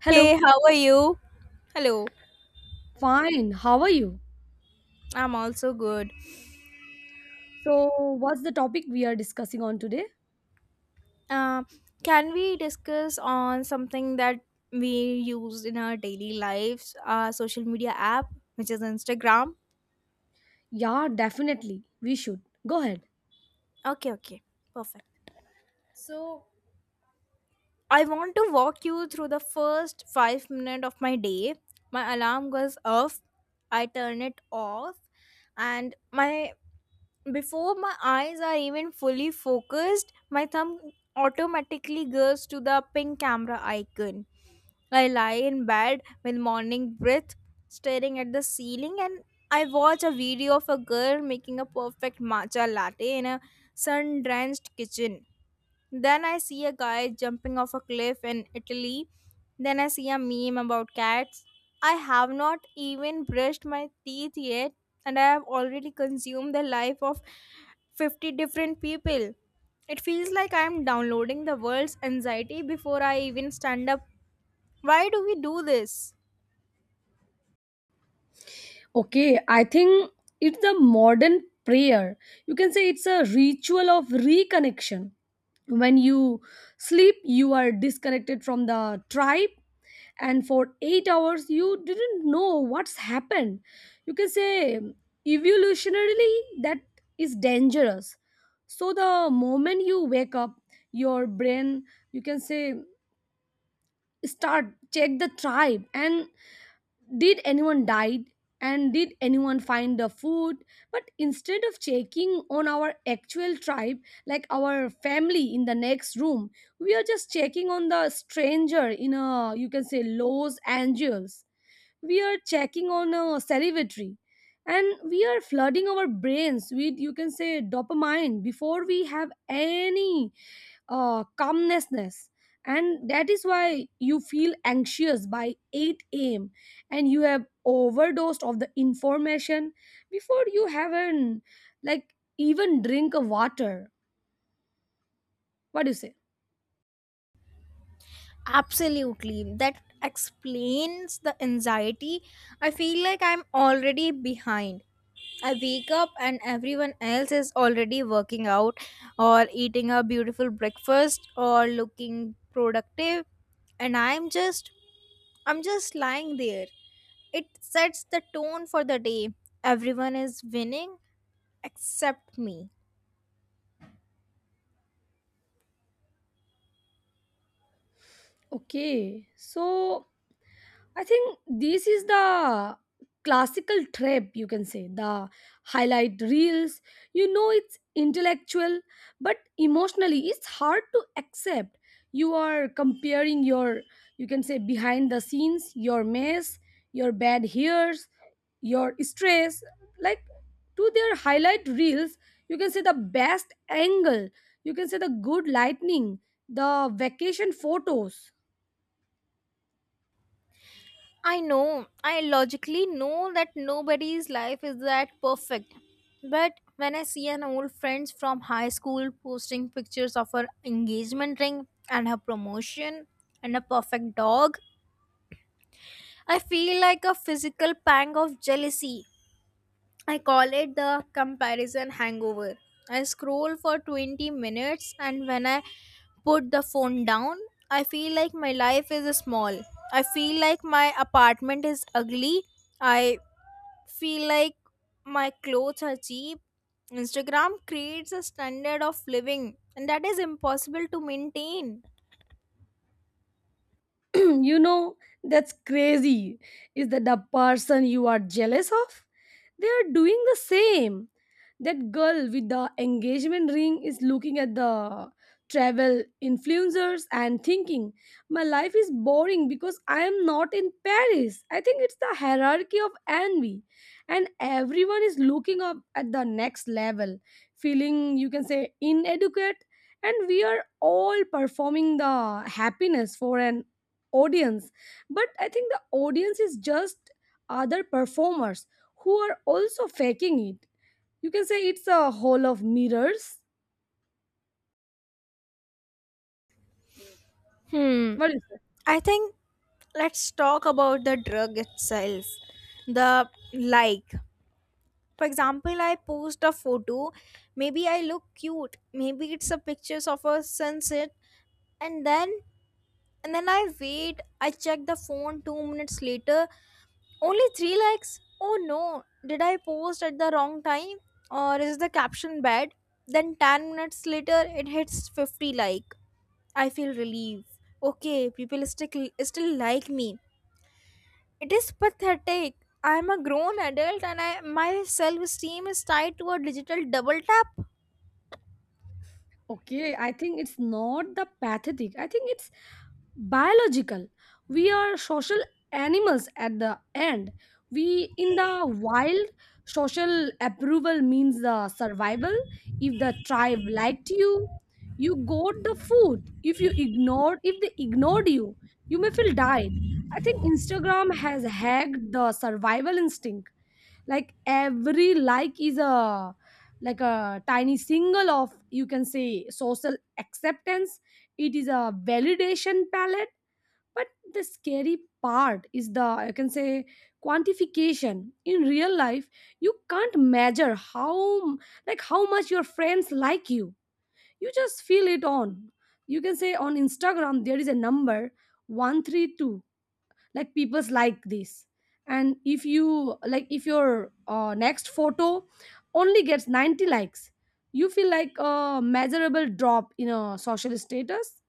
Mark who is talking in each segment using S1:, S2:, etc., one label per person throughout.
S1: Hello.
S2: Hey, how are you? Hello,
S1: Fine. How are you?
S2: I'm also good.
S1: So, what's the topic we are discussing on today?
S2: Um, can we discuss on something that we use in our daily lives, our social media app, which is Instagram?
S1: Yeah, definitely. We should. Go ahead.
S2: Okay, okay, perfect. So I want to walk you through the first 5 minutes of my day. My alarm goes off. I turn it off, and my before my eyes are even fully focused, my thumb automatically goes to the pink camera icon. I lie in bed with morning breath, staring at the ceiling, and I watch a video of a girl making a perfect matcha latte in a sun drenched kitchen. Then I see a guy jumping off a cliff in Italy. Then I see a meme about cats. I have not even brushed my teeth yet, and I have already consumed the life of 50 different people. It feels like I am downloading the world's anxiety before I even stand up. Why do we do this?
S1: Okay, I think it's the modern prayer. You can say it's a ritual of reconnection. When you sleep, you are disconnected from the tribe, and for 8 hours, you didn't know what's happened. You can say evolutionarily, that is dangerous. So, the moment you wake up, your brain, you can say, start check the tribe, and did anyone died, and did anyone find the food, but instead of checking on our actual tribe, like our family in the next room, we are just checking on the stranger in a, you can say, Los Angeles. We are checking on salivatory, and we are flooding our brains with, you can say, dopamine before we have any calmness. And that is why you feel anxious by 8 a.m., and you have overdosed of the information before you haven't, like, even drink a water. What do you say?
S2: Absolutely. That explains the anxiety. I feel like I'm already behind. I wake up and everyone else is already working out or eating a beautiful breakfast or looking productive and I'm just lying there. It sets the tone for the day. Everyone is winning except me.
S1: Okay, so I think this is the classical trap, you can say, the highlight reels. You know, it's intellectual but emotionally it's hard to accept. You are comparing your, you can say, behind the scenes, your mess, your bad hairs, your stress, like, to their highlight reels. You can say the best angle, you can say the good lightning, the vacation photos.
S2: I know, I logically know that nobody's life is that perfect. But when I see an old friend from high school posting pictures of her engagement ring and her promotion and a perfect dog, I feel like a physical pang of jealousy. I call it the comparison hangover. I scroll for 20 minutes and when I put the phone down, I feel like my life is small. I feel like my apartment is ugly. I feel like my clothes are cheap. Instagram creates a standard of living, and that is impossible to maintain.
S1: You know, that's crazy. Is that the person you are jealous of? They are doing the same. That girl with the engagement ring is looking at the travel influencers and thinking my life is boring because I am not in Paris. I think it's the hierarchy of envy, and everyone is looking up at the next level, feeling, you can say, inadequate. And we are all performing the happiness for an audience, but I think the audience is just other performers who are also faking it. You can say it's a hall of mirrors.
S2: Hmm.
S1: What is it?
S2: I think let's talk about the drug itself. The like. For example, I post a photo. Maybe I look cute. Maybe it's a pictures of a sunset, and then and then I wait. I check the phone 2 minutes later. Only 3 likes? Oh no, did I post at the wrong time? Or is the caption bad? Then 10 minutes later, it hits 50 like. I feel relief. Okay, people still like me. It is pathetic. I am a grown adult and my self esteem is tied to a digital double tap.
S1: Okay, I think it's not the pathetic, I think it's biological. We are social animals at the end. We in the wild, social approval means the survival. If the tribe liked you, you got the food. If they ignored you, you may feel died. I think Instagram has hacked the survival instinct, like every like is a, like a tiny single of, you can say, social acceptance. It is a validation palette. But the scary part is the, I can say, quantification in real life. You can't measure how, like, how much your friends like you. You just feel it on, you can say, on Instagram there is a number, 132, like people's like this. And if your next photo only gets 90 likes, you feel like a measurable drop in a social status.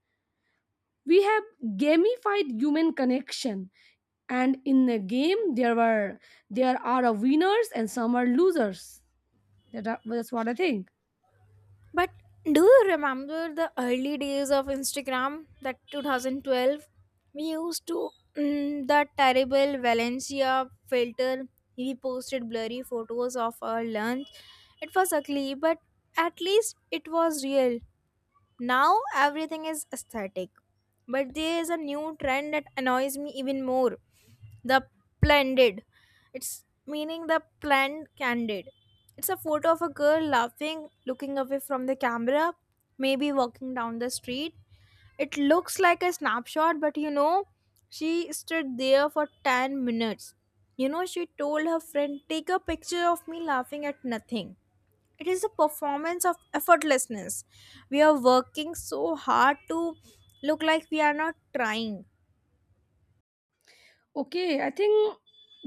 S1: We have gamified human connection, and in the game there are a winners and some are losers. That's what I think.
S2: But do you remember the early days of Instagram, that 2012? We used to that terrible Valencia filter. We posted blurry photos of our lunch. It was ugly, but at least it was real. Now everything is aesthetic. But there is a new trend that annoys me even more. The Splendid. It's meaning the planned candid. It's a photo of a girl laughing, looking away from the camera, maybe walking down the street. It looks like a snapshot, but you know, she stood there for 10 minutes. You know, she told her friend, "Take a picture of me laughing at nothing." It is a performance of effortlessness. We are working so hard to look like we are not trying.
S1: Okay, I think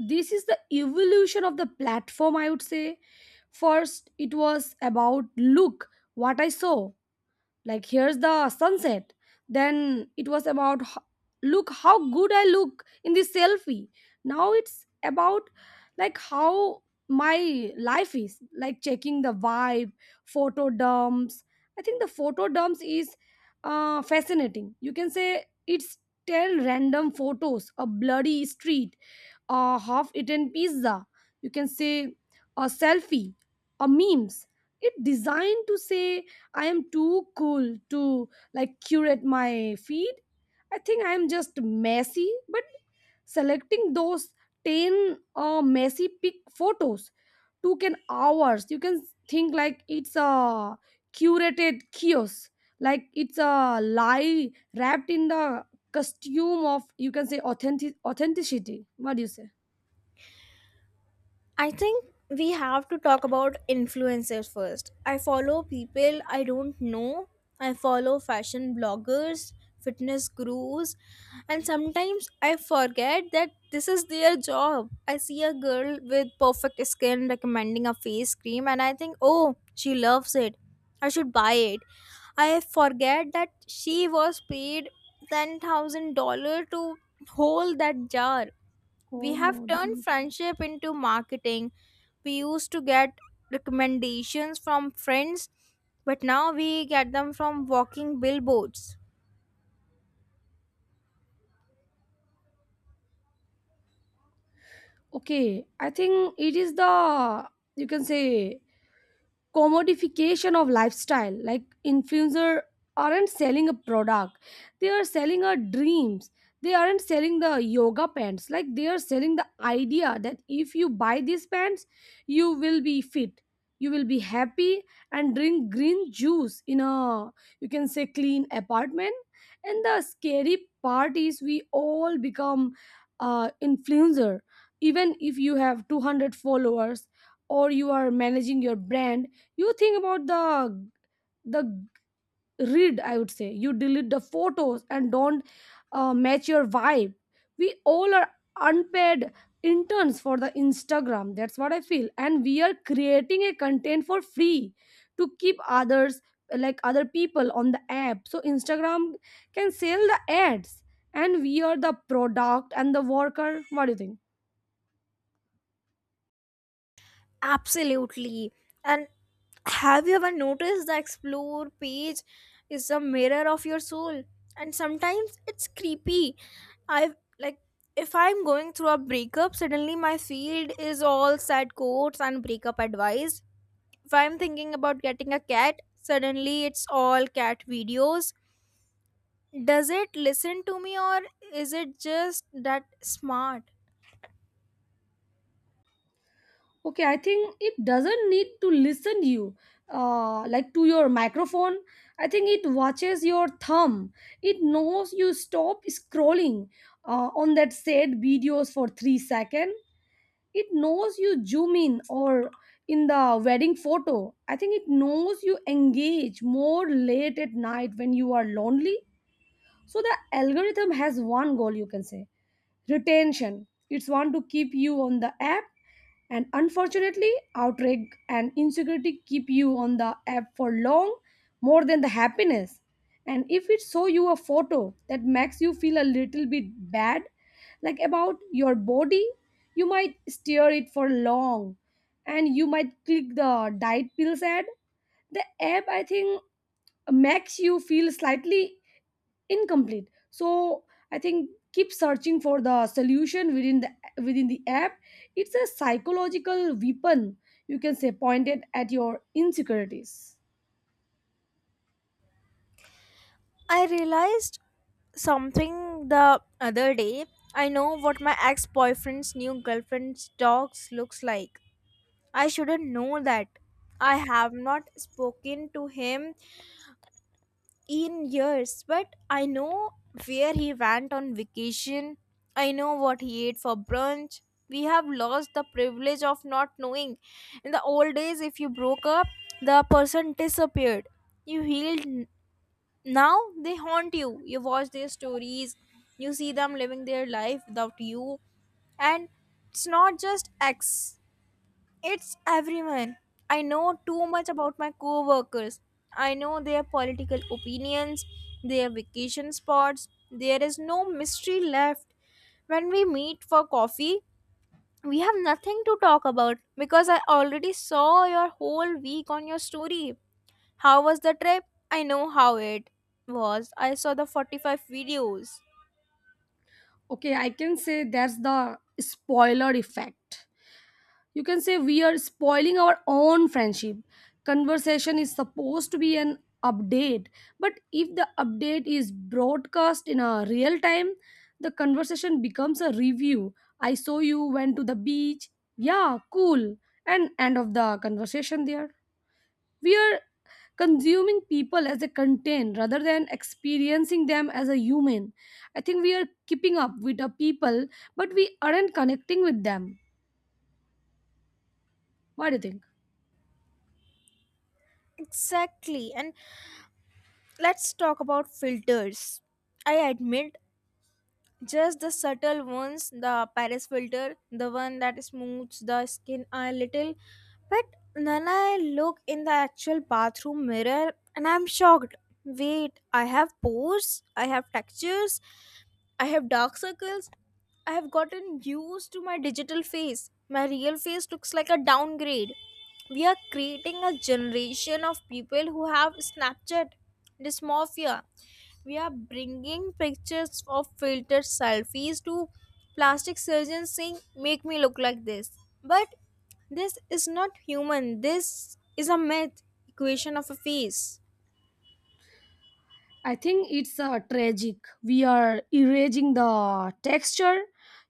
S1: this is the evolution of the platform, I would say. First it was about look what I saw, like here's the sunset. Then it was about look how good I look in this selfie. Now it's about, like, how my life is, like, checking the vibe. Photo dumps. I think the photo dumps is fascinating. You can say it's 10 random photos, a bloody street, a half-eaten pizza, you can say, a selfie, a memes. It designed to say I am too cool to, like, curate my feed. I think I am just messy, but selecting those 10 messy pic photos took an hours. You can think, like, it's a curated kiosk, like it's a lie wrapped in the costume of, you can say, authentic authenticity. What do you say?
S2: I think we have to talk about influencers first. I follow people I don't know. I follow fashion bloggers, fitness gurus, and sometimes I forget that this is their job. I see a girl with perfect skin recommending a face cream, and I think, oh, she loves it. I should buy it. I forget that she was paid $10,000 to hold that jar. We have turned
S1: Comodi-
S2: friendship into marketing. We used to get recommendations from friends, but now we get them from walking billboards.
S1: okay, I think it is the, you can say, commodification of lifestyle, like influencer aren't selling a product, they are selling our dreams. They aren't selling the yoga pants, like they are selling the idea that if you buy these pants, you will be fit, you will be happy, and drink green juice in a, you can say, clean apartment. And the scary part is we all become influencer, even if you have 200 followers or you are managing your brand. You think about the read, I would say, you delete the photos and don't match your vibe. We all are unpaid interns for the Instagram, that's what I feel, and we are creating a content for free to keep others, like other people, on the app so Instagram can sell the ads, and we are the product and the worker. What do you think?
S2: Absolutely. And have you ever noticed the explore page is a mirror of your soul? And sometimes it's creepy. I like if I'm going through a breakup, suddenly my feed is all sad quotes and breakup advice. If I'm thinking about getting a cat, suddenly it's all cat videos. Does it listen to me or is it just that smart?
S1: Okay, I think it doesn't need to listen you like to your microphone. I think it watches your thumb. It knows you stop scrolling on that said videos for 3 seconds. It knows you zoom in or in the wedding photo. I think it knows you engage more late at night when you are lonely. So the algorithm has one goal, you can say, retention. It's want to keep you on the app. And unfortunately outrage and insecurity keep you on the app for long, more than the happiness. And if it show you a photo that makes you feel a little bit bad, like about your body, you might stare it for long, and you might click the diet pills ad. The app, I think, makes you feel slightly incomplete, so I think keep searching for the solution within the app. It's a psychological weapon, you can say, pointed at your insecurities.
S2: I realized something the other day. I know what my ex-boyfriend's new girlfriend's dogs looks like. I shouldn't know that. I have not spoken to him in years, but I know where he went on vacation. I know what he ate for brunch. We have lost the privilege of not knowing. In the old days, if you broke up, the person disappeared. You now they haunt you. You watch their stories. You see them living their life without you. And it's not just ex, it's everyone. I know too much about my coworkers. I know their political opinions, their vacation spots. There is no mystery left. When we meet for coffee, we have nothing to talk about because I already saw your whole week on your story. How was the trip? I know how it was. I saw the 45 videos.
S1: Okay, I can say that's the spoiler effect. You can say we are spoiling our own friendship. Conversation is supposed to be an update, but if the update is broadcast in a real time, the conversation becomes a review. I saw you went to the beach. Yeah, cool. And end of the conversation there. We are consuming people as a content rather than experiencing them as a human. I think we are keeping up with the people but we aren't connecting with them. What do you think?
S2: Exactly. And let's talk about filters. I admit just the subtle ones, the Paris filter, the one that smooths the skin a little. But then I look in the actual bathroom mirror and I'm shocked. Wait, I have pores, I have textures, I have dark circles. I have gotten used to my digital face. My real face looks like a downgrade. We are creating a generation of people who have Snapchat dysmorphia. We are bringing pictures of filtered selfies to plastic surgeons saying, "Make me look like this." But this is not human, this is a myth equation of a face.
S1: I think it's tragic. We are erasing the texture.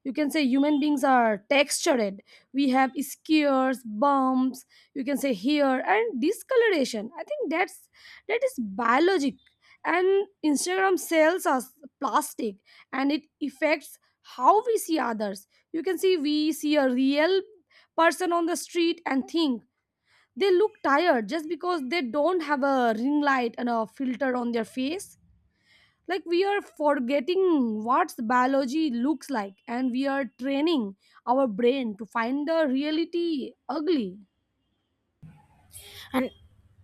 S1: You can say human beings are textured. We have skewers, bumps. You can say here and discoloration. I think that is biologic. And Instagram sells us plastic, and it affects how we see others. You can see we see a real person on the street and think they look tired just because they don't have a ring light and a filter on their face, like we are forgetting what biology looks like and we are training our brain to find the reality ugly.
S2: And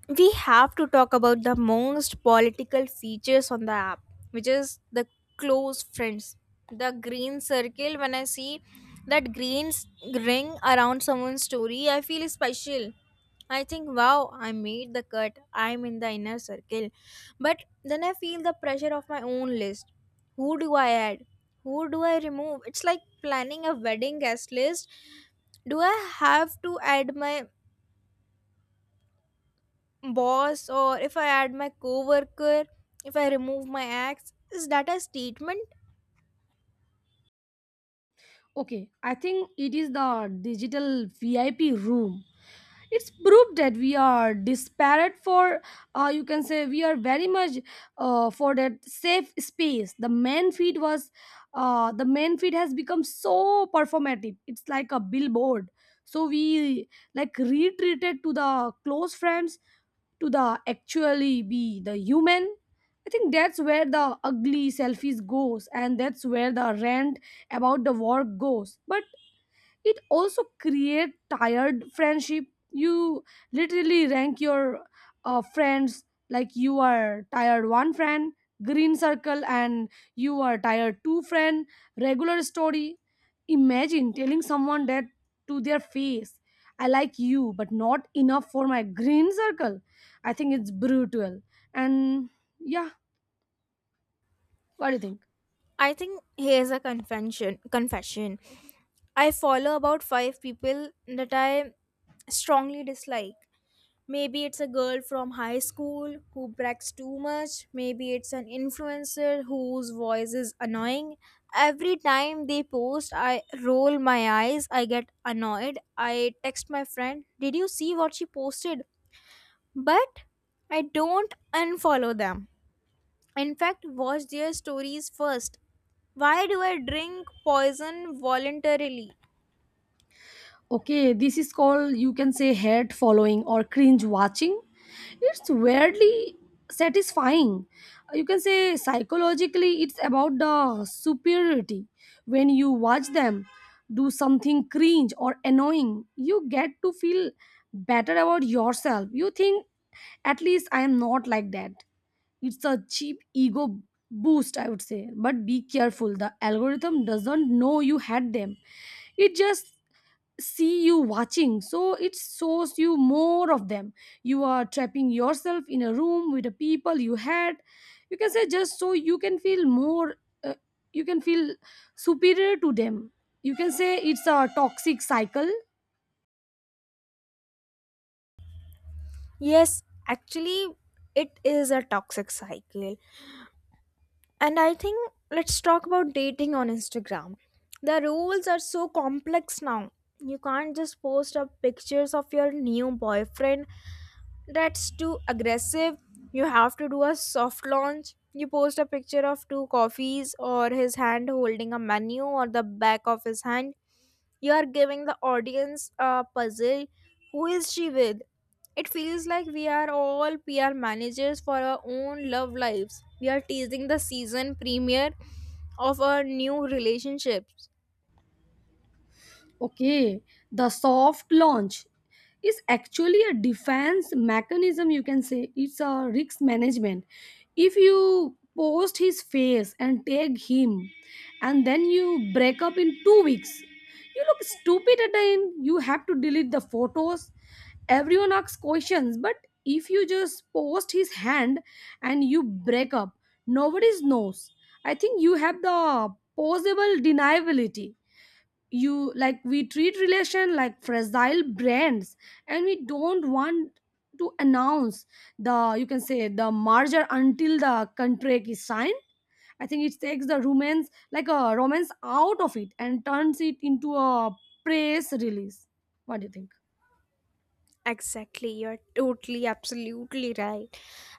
S2: we have to talk about the most political features on the app, which is the close friends. The green circle, when I see that ring around someone's story, I feel special. I think, wow, I made the cut. I'm in the inner circle. But then I feel the pressure of my own list. Who do I add? Who do I remove? It's like planning a wedding guest list. Do I have to add my boss, or if I add my coworker, if I remove my ex, is that a statement?
S1: Okay, I think it is the digital VIP room. It's proof that we are disparate for, you can say, we are very much for that safe space. The main feed has become so performative, it's like a billboard. So we, like, retreated to the close friends to the actually be the human. I think that's where the ugly selfies goes and that's where the rant about the work goes. But it also create tired friendship. You literally rank your friends, like you are tired one friend, green circle, and you are tired two friend, regular story. Imagine telling someone that to their face. I like you but not enough for my green circle. I think it's brutal. And, yeah, what do you think?
S2: I think here's a confession. Confession. I follow about five people that I strongly dislike. Maybe it's a girl from high school who brags too much. Maybe it's an influencer whose voice is annoying. Every time they post, I roll my eyes. I get annoyed. I text my friend, "Did you see what she posted?" But I don't unfollow them. In fact, watch their stories first. Why do I drink poison voluntarily?
S1: Okay, this is called, you can say, head following or cringe watching. It's weirdly satisfying. You can say psychologically it's about the superiority. When you watch them do something cringe or annoying, you get to feel better about yourself. You think at least I am not like that. It's a cheap ego boost, I would say. But be careful, the algorithm doesn't know you had them. It just see you watching, so it shows you more of them. You are trapping yourself in a room with the people you had, you can say, just so you can uh, feel superior to them. You can say it's a toxic cycle.
S2: Yes, actually, it is a toxic cycle. And I think let's talk about dating on Instagram. The rules are so complex now. You can't just post up pictures of your new boyfriend, that's too aggressive. You have to do a soft launch. You post a picture of two coffees or his hand holding a menu or the back of his hand. You are giving the audience a puzzle. Who is she with? It feels like we are all PR managers for our own love lives. We are teasing the season premiere of our new relationships.
S1: Okay, the soft launch is actually a defense mechanism, you can say. It's a risk management. If you post his face and tag him, and then you break up in 2 weeks, you look stupid at the end. You have to delete the photos. Everyone asks questions, but if you just post his hand and you break up, nobody knows. I think you have the possible deniability. You like We treat relation like fragile brands, and we don't want to announce the you can say the merger until the contract is signed. I think it takes the romance, like a romance, out of it and turns it into a press release. What do you think?
S2: Exactly, you're totally, absolutely right.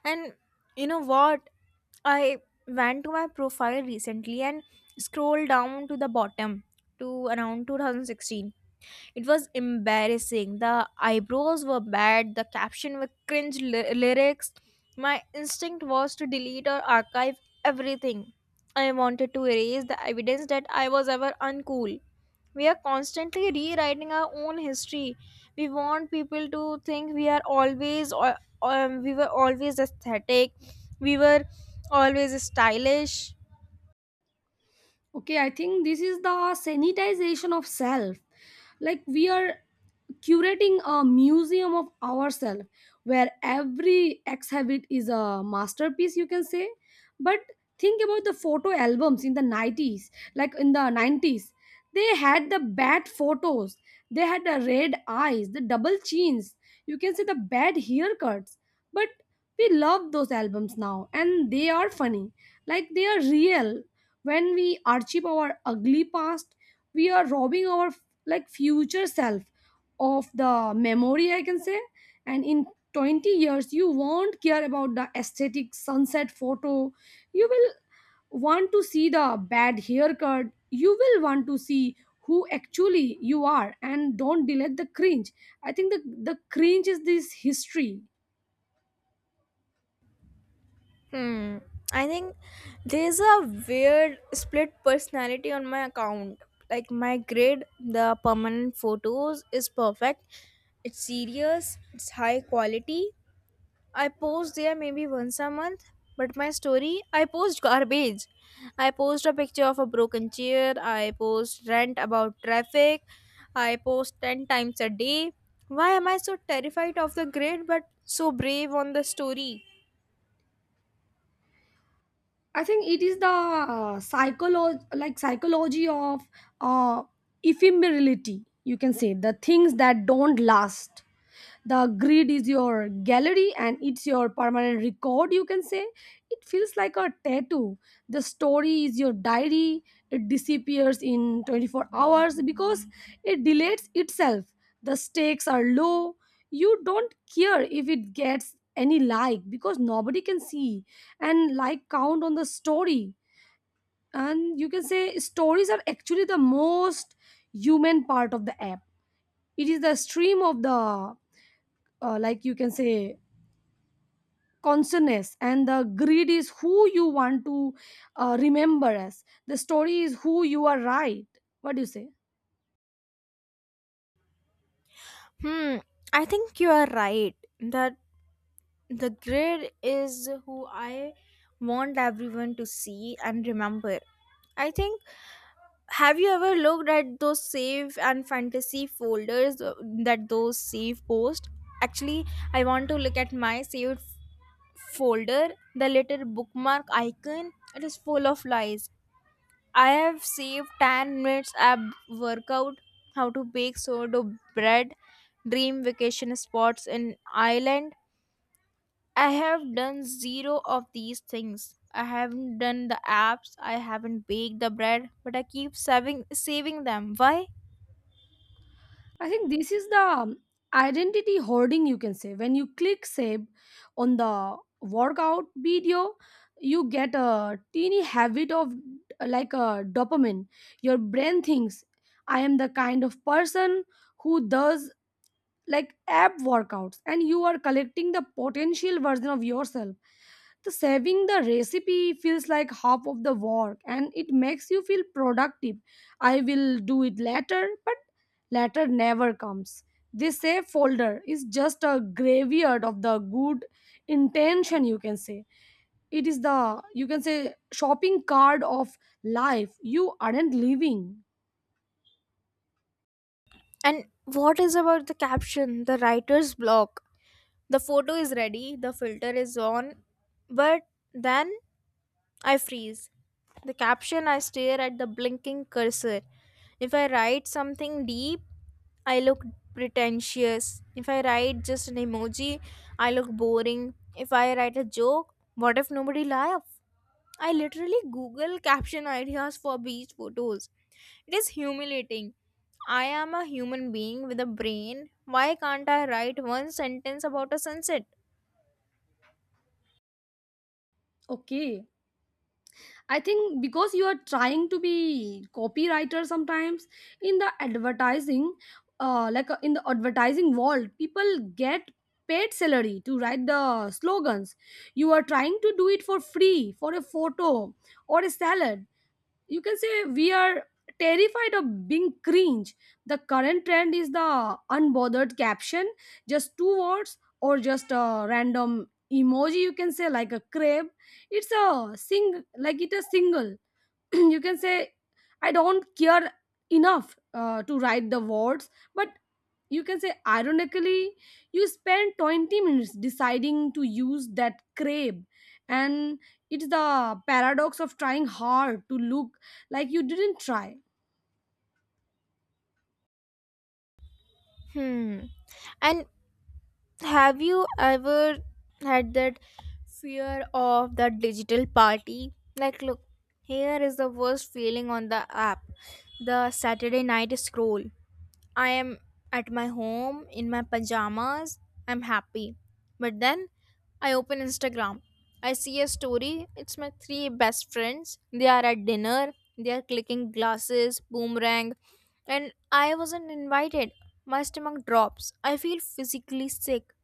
S2: And you know what? I went to my profile recently and scrolled down to the bottom to around 2016. It was embarrassing. The eyebrows were bad, the caption were lyrics. My instinct was to delete or archive everything. I wanted to erase the evidence that I was ever uncool. We are constantly rewriting our own history. We want people to think we are always or we were always aesthetic. We were always stylish.
S1: Okay, I think this is the sanitization of self. Like, we are curating a museum of ourselves where every exhibit is a masterpiece, you can say. But think about the photo albums in the 90s. Like in the 90s, they had the bad photos, they had the red eyes, the double chins, you can say the bad haircuts. But we love those albums now, and they are funny. Like, they are real. When we archive our ugly past, we are robbing our like future self of the memory, I can say. And in 20 years, you won't care about the aesthetic sunset photo. You will want to see the bad haircut, you will want to see who actually you are. And don't delete the cringe. I think the cringe is this history.
S2: Hmm. I think there's a weird split personality on my account. Like my grid, the permanent photos, is perfect. It's serious, it's high quality. I post there maybe once a month, but my story, I post garbage. I post a picture of a broken chair, I post rant about traffic, I post 10 times a day. Why am I so terrified of the grid but so brave on the story?
S1: I think it is the psychology, like psychology of uh, ephemerality, you can say. The things that don't last. The grid is your gallery and it's your permanent record, you can say. It feels like a tattoo. The story is your diary. It disappears in 24 hours because it deletes itself. The stakes are low. You don't care if it gets any, like, because nobody can see and like count on the story. And you can say stories are actually the most human part of the app. It is the stream of the like, you can say, consciousness. And the greed is who you want to remember as. The story is who you are, right? What do you say?
S2: Hmm, I think you are right that the grid is who I want everyone to see and remember. I think have you ever looked at those save and fantasy folders that those save post? Actually, I want to look at my saved folder, the little bookmark icon. It is full of lies. I have saved 10 minutes ab workout, how to bake sourdough bread, dream vacation spots in Ireland. I have done zero of these things. I haven't done the apps, I haven't baked the bread, but I keep saving them. Why?
S1: I think this is the identity hoarding, you can say. When you click save on the workout video, you get a teeny habit of like a dopamine. Your brain thinks I am the kind of person who does like app workouts, and you are collecting the potential version of yourself. The saving the recipe feels like half of the work and it makes you feel productive. I will do it later, but later never comes. This save folder is just a graveyard of the good intention, you can say. It is the, you can say, shopping card of life you aren't living.
S2: And what is about the caption? The writer's block. The photo is ready, the filter is on, but then I freeze. The caption, I stare at the blinking cursor. If I write something deep, I look pretentious. If I write just an emoji, I look boring. If I write a joke, what if nobody laugh? I literally Google caption ideas for beach photos. It is humiliating. I am a human being with a brain. Why can't I write one sentence about a sunset?
S1: Okay, I think because you are trying to be copywriter sometimes. In the advertising, in the advertising world, people get paid salary to write the slogans. You are trying to do it for free for a photo or a salad, you can say. We are terrified of being cringe. The current trend is the unbothered caption, just two words or just a random emoji, you can say, like a crab. It a single you can say, I don't care enough to write the words. But you can say ironically you spend 20 minutes deciding to use that crab. And it's the paradox of trying hard to look like you didn't try.
S2: Hmm. And have you ever had that fear of the digital party? Like, look, here is the worst feeling on the app, the Saturday night scroll. I am at my home in my pajamas. I'm happy. But then I open Instagram. I see a story. It's my three best friends. They are at dinner. They are clicking glasses, boomerang, and I wasn't invited. My stomach drops. I feel physically sick.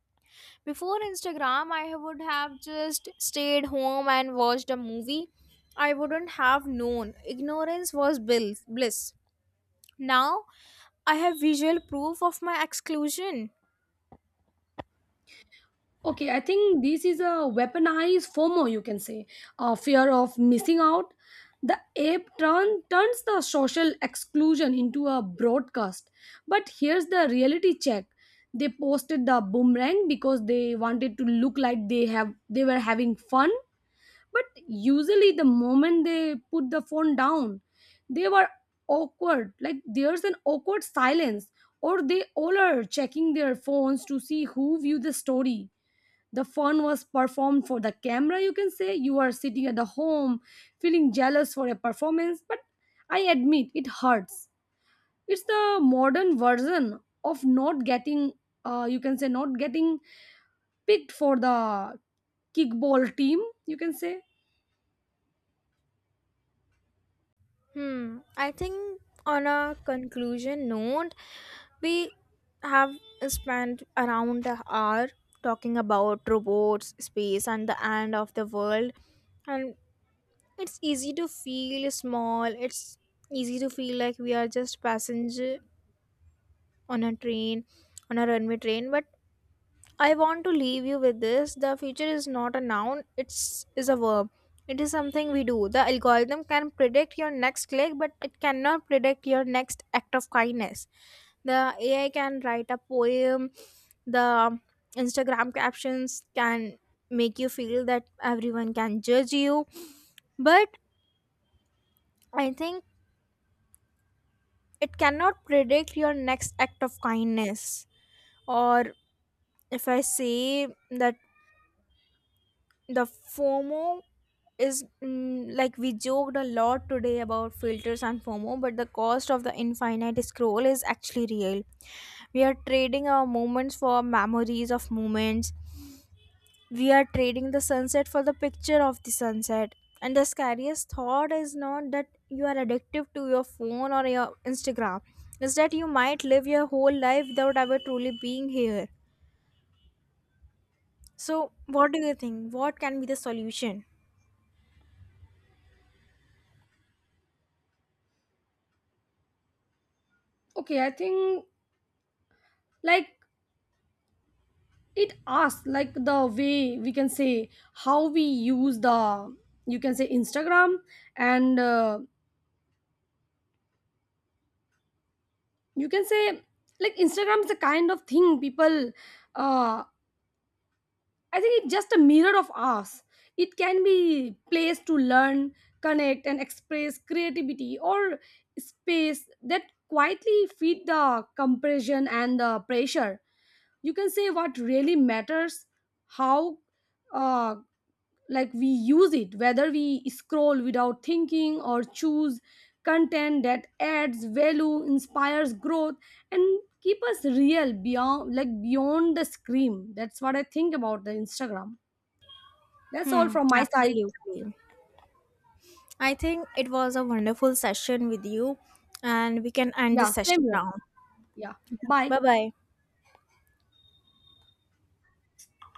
S2: Before Instagram, I would have just stayed home and watched a movie. I wouldn't have known. Ignorance was bliss. Now, I have visual proof of my exclusion.
S1: Okay, I think this is a weaponized FOMO, you can say, a fear of missing out. The ape turns the social exclusion into a broadcast. But here's the reality check. They posted the boomerang because they wanted to look like they were having fun. But usually, the moment they put the phone down, they were awkward. Like, there's an awkward silence, or they all are checking their phones to see who viewed the story. The fun was performed for the camera, you can say. You are sitting at the home feeling jealous for a performance, but I admit it hurts. It's the modern version of not getting, you can say, not getting picked for the kickball team, you can say.
S2: Hmm. I think on a conclusion note, we have spent around an hour talking about robots, space, and the end of the world. And it's easy to feel small. It's easy to feel like we are just passenger on a train, on a runway train. But I want to leave you with this. The future is not a noun, it's is a verb. It is something we do. The algorithm can predict your next click, but it cannot predict your next act of kindness. The AI can write a poem, the Instagram captions can make you feel that everyone can judge you, but I think it cannot predict your next act of kindness. Or if I say that the FOMO is like we joked a lot today about filters and FOMO, but the cost of the infinite scroll is actually real. We are trading our moments for memories of moments. We are trading the sunset for the picture of the sunset. And the scariest thought is not that you are addictive to your phone or your Instagram, is that you might live your whole life without ever truly being here. So, what do you think? What can be the solution?
S1: Okay, I think, like, it asks, like, the way we can say how we use the, you can say, Instagram. And you can say, like, Instagram is the kind of thing people, uh, I think it's just a mirror of us. It can be place to learn, connect, and express creativity, or space that quietly feed the compression and the pressure. You can say what really matters, how, uh, like, we use it, whether we scroll without thinking or choose content that adds value, inspires growth, and keep us real beyond, like, beyond the screen. That's what I think about the Instagram. That's all
S2: Hmm,
S1: from my side.
S2: absolutely. I think it was a wonderful session with you, and we can end
S1: Yeah,
S2: this
S1: same
S2: session
S1: here.
S2: now.
S1: Yeah. Bye.
S2: Bye bye.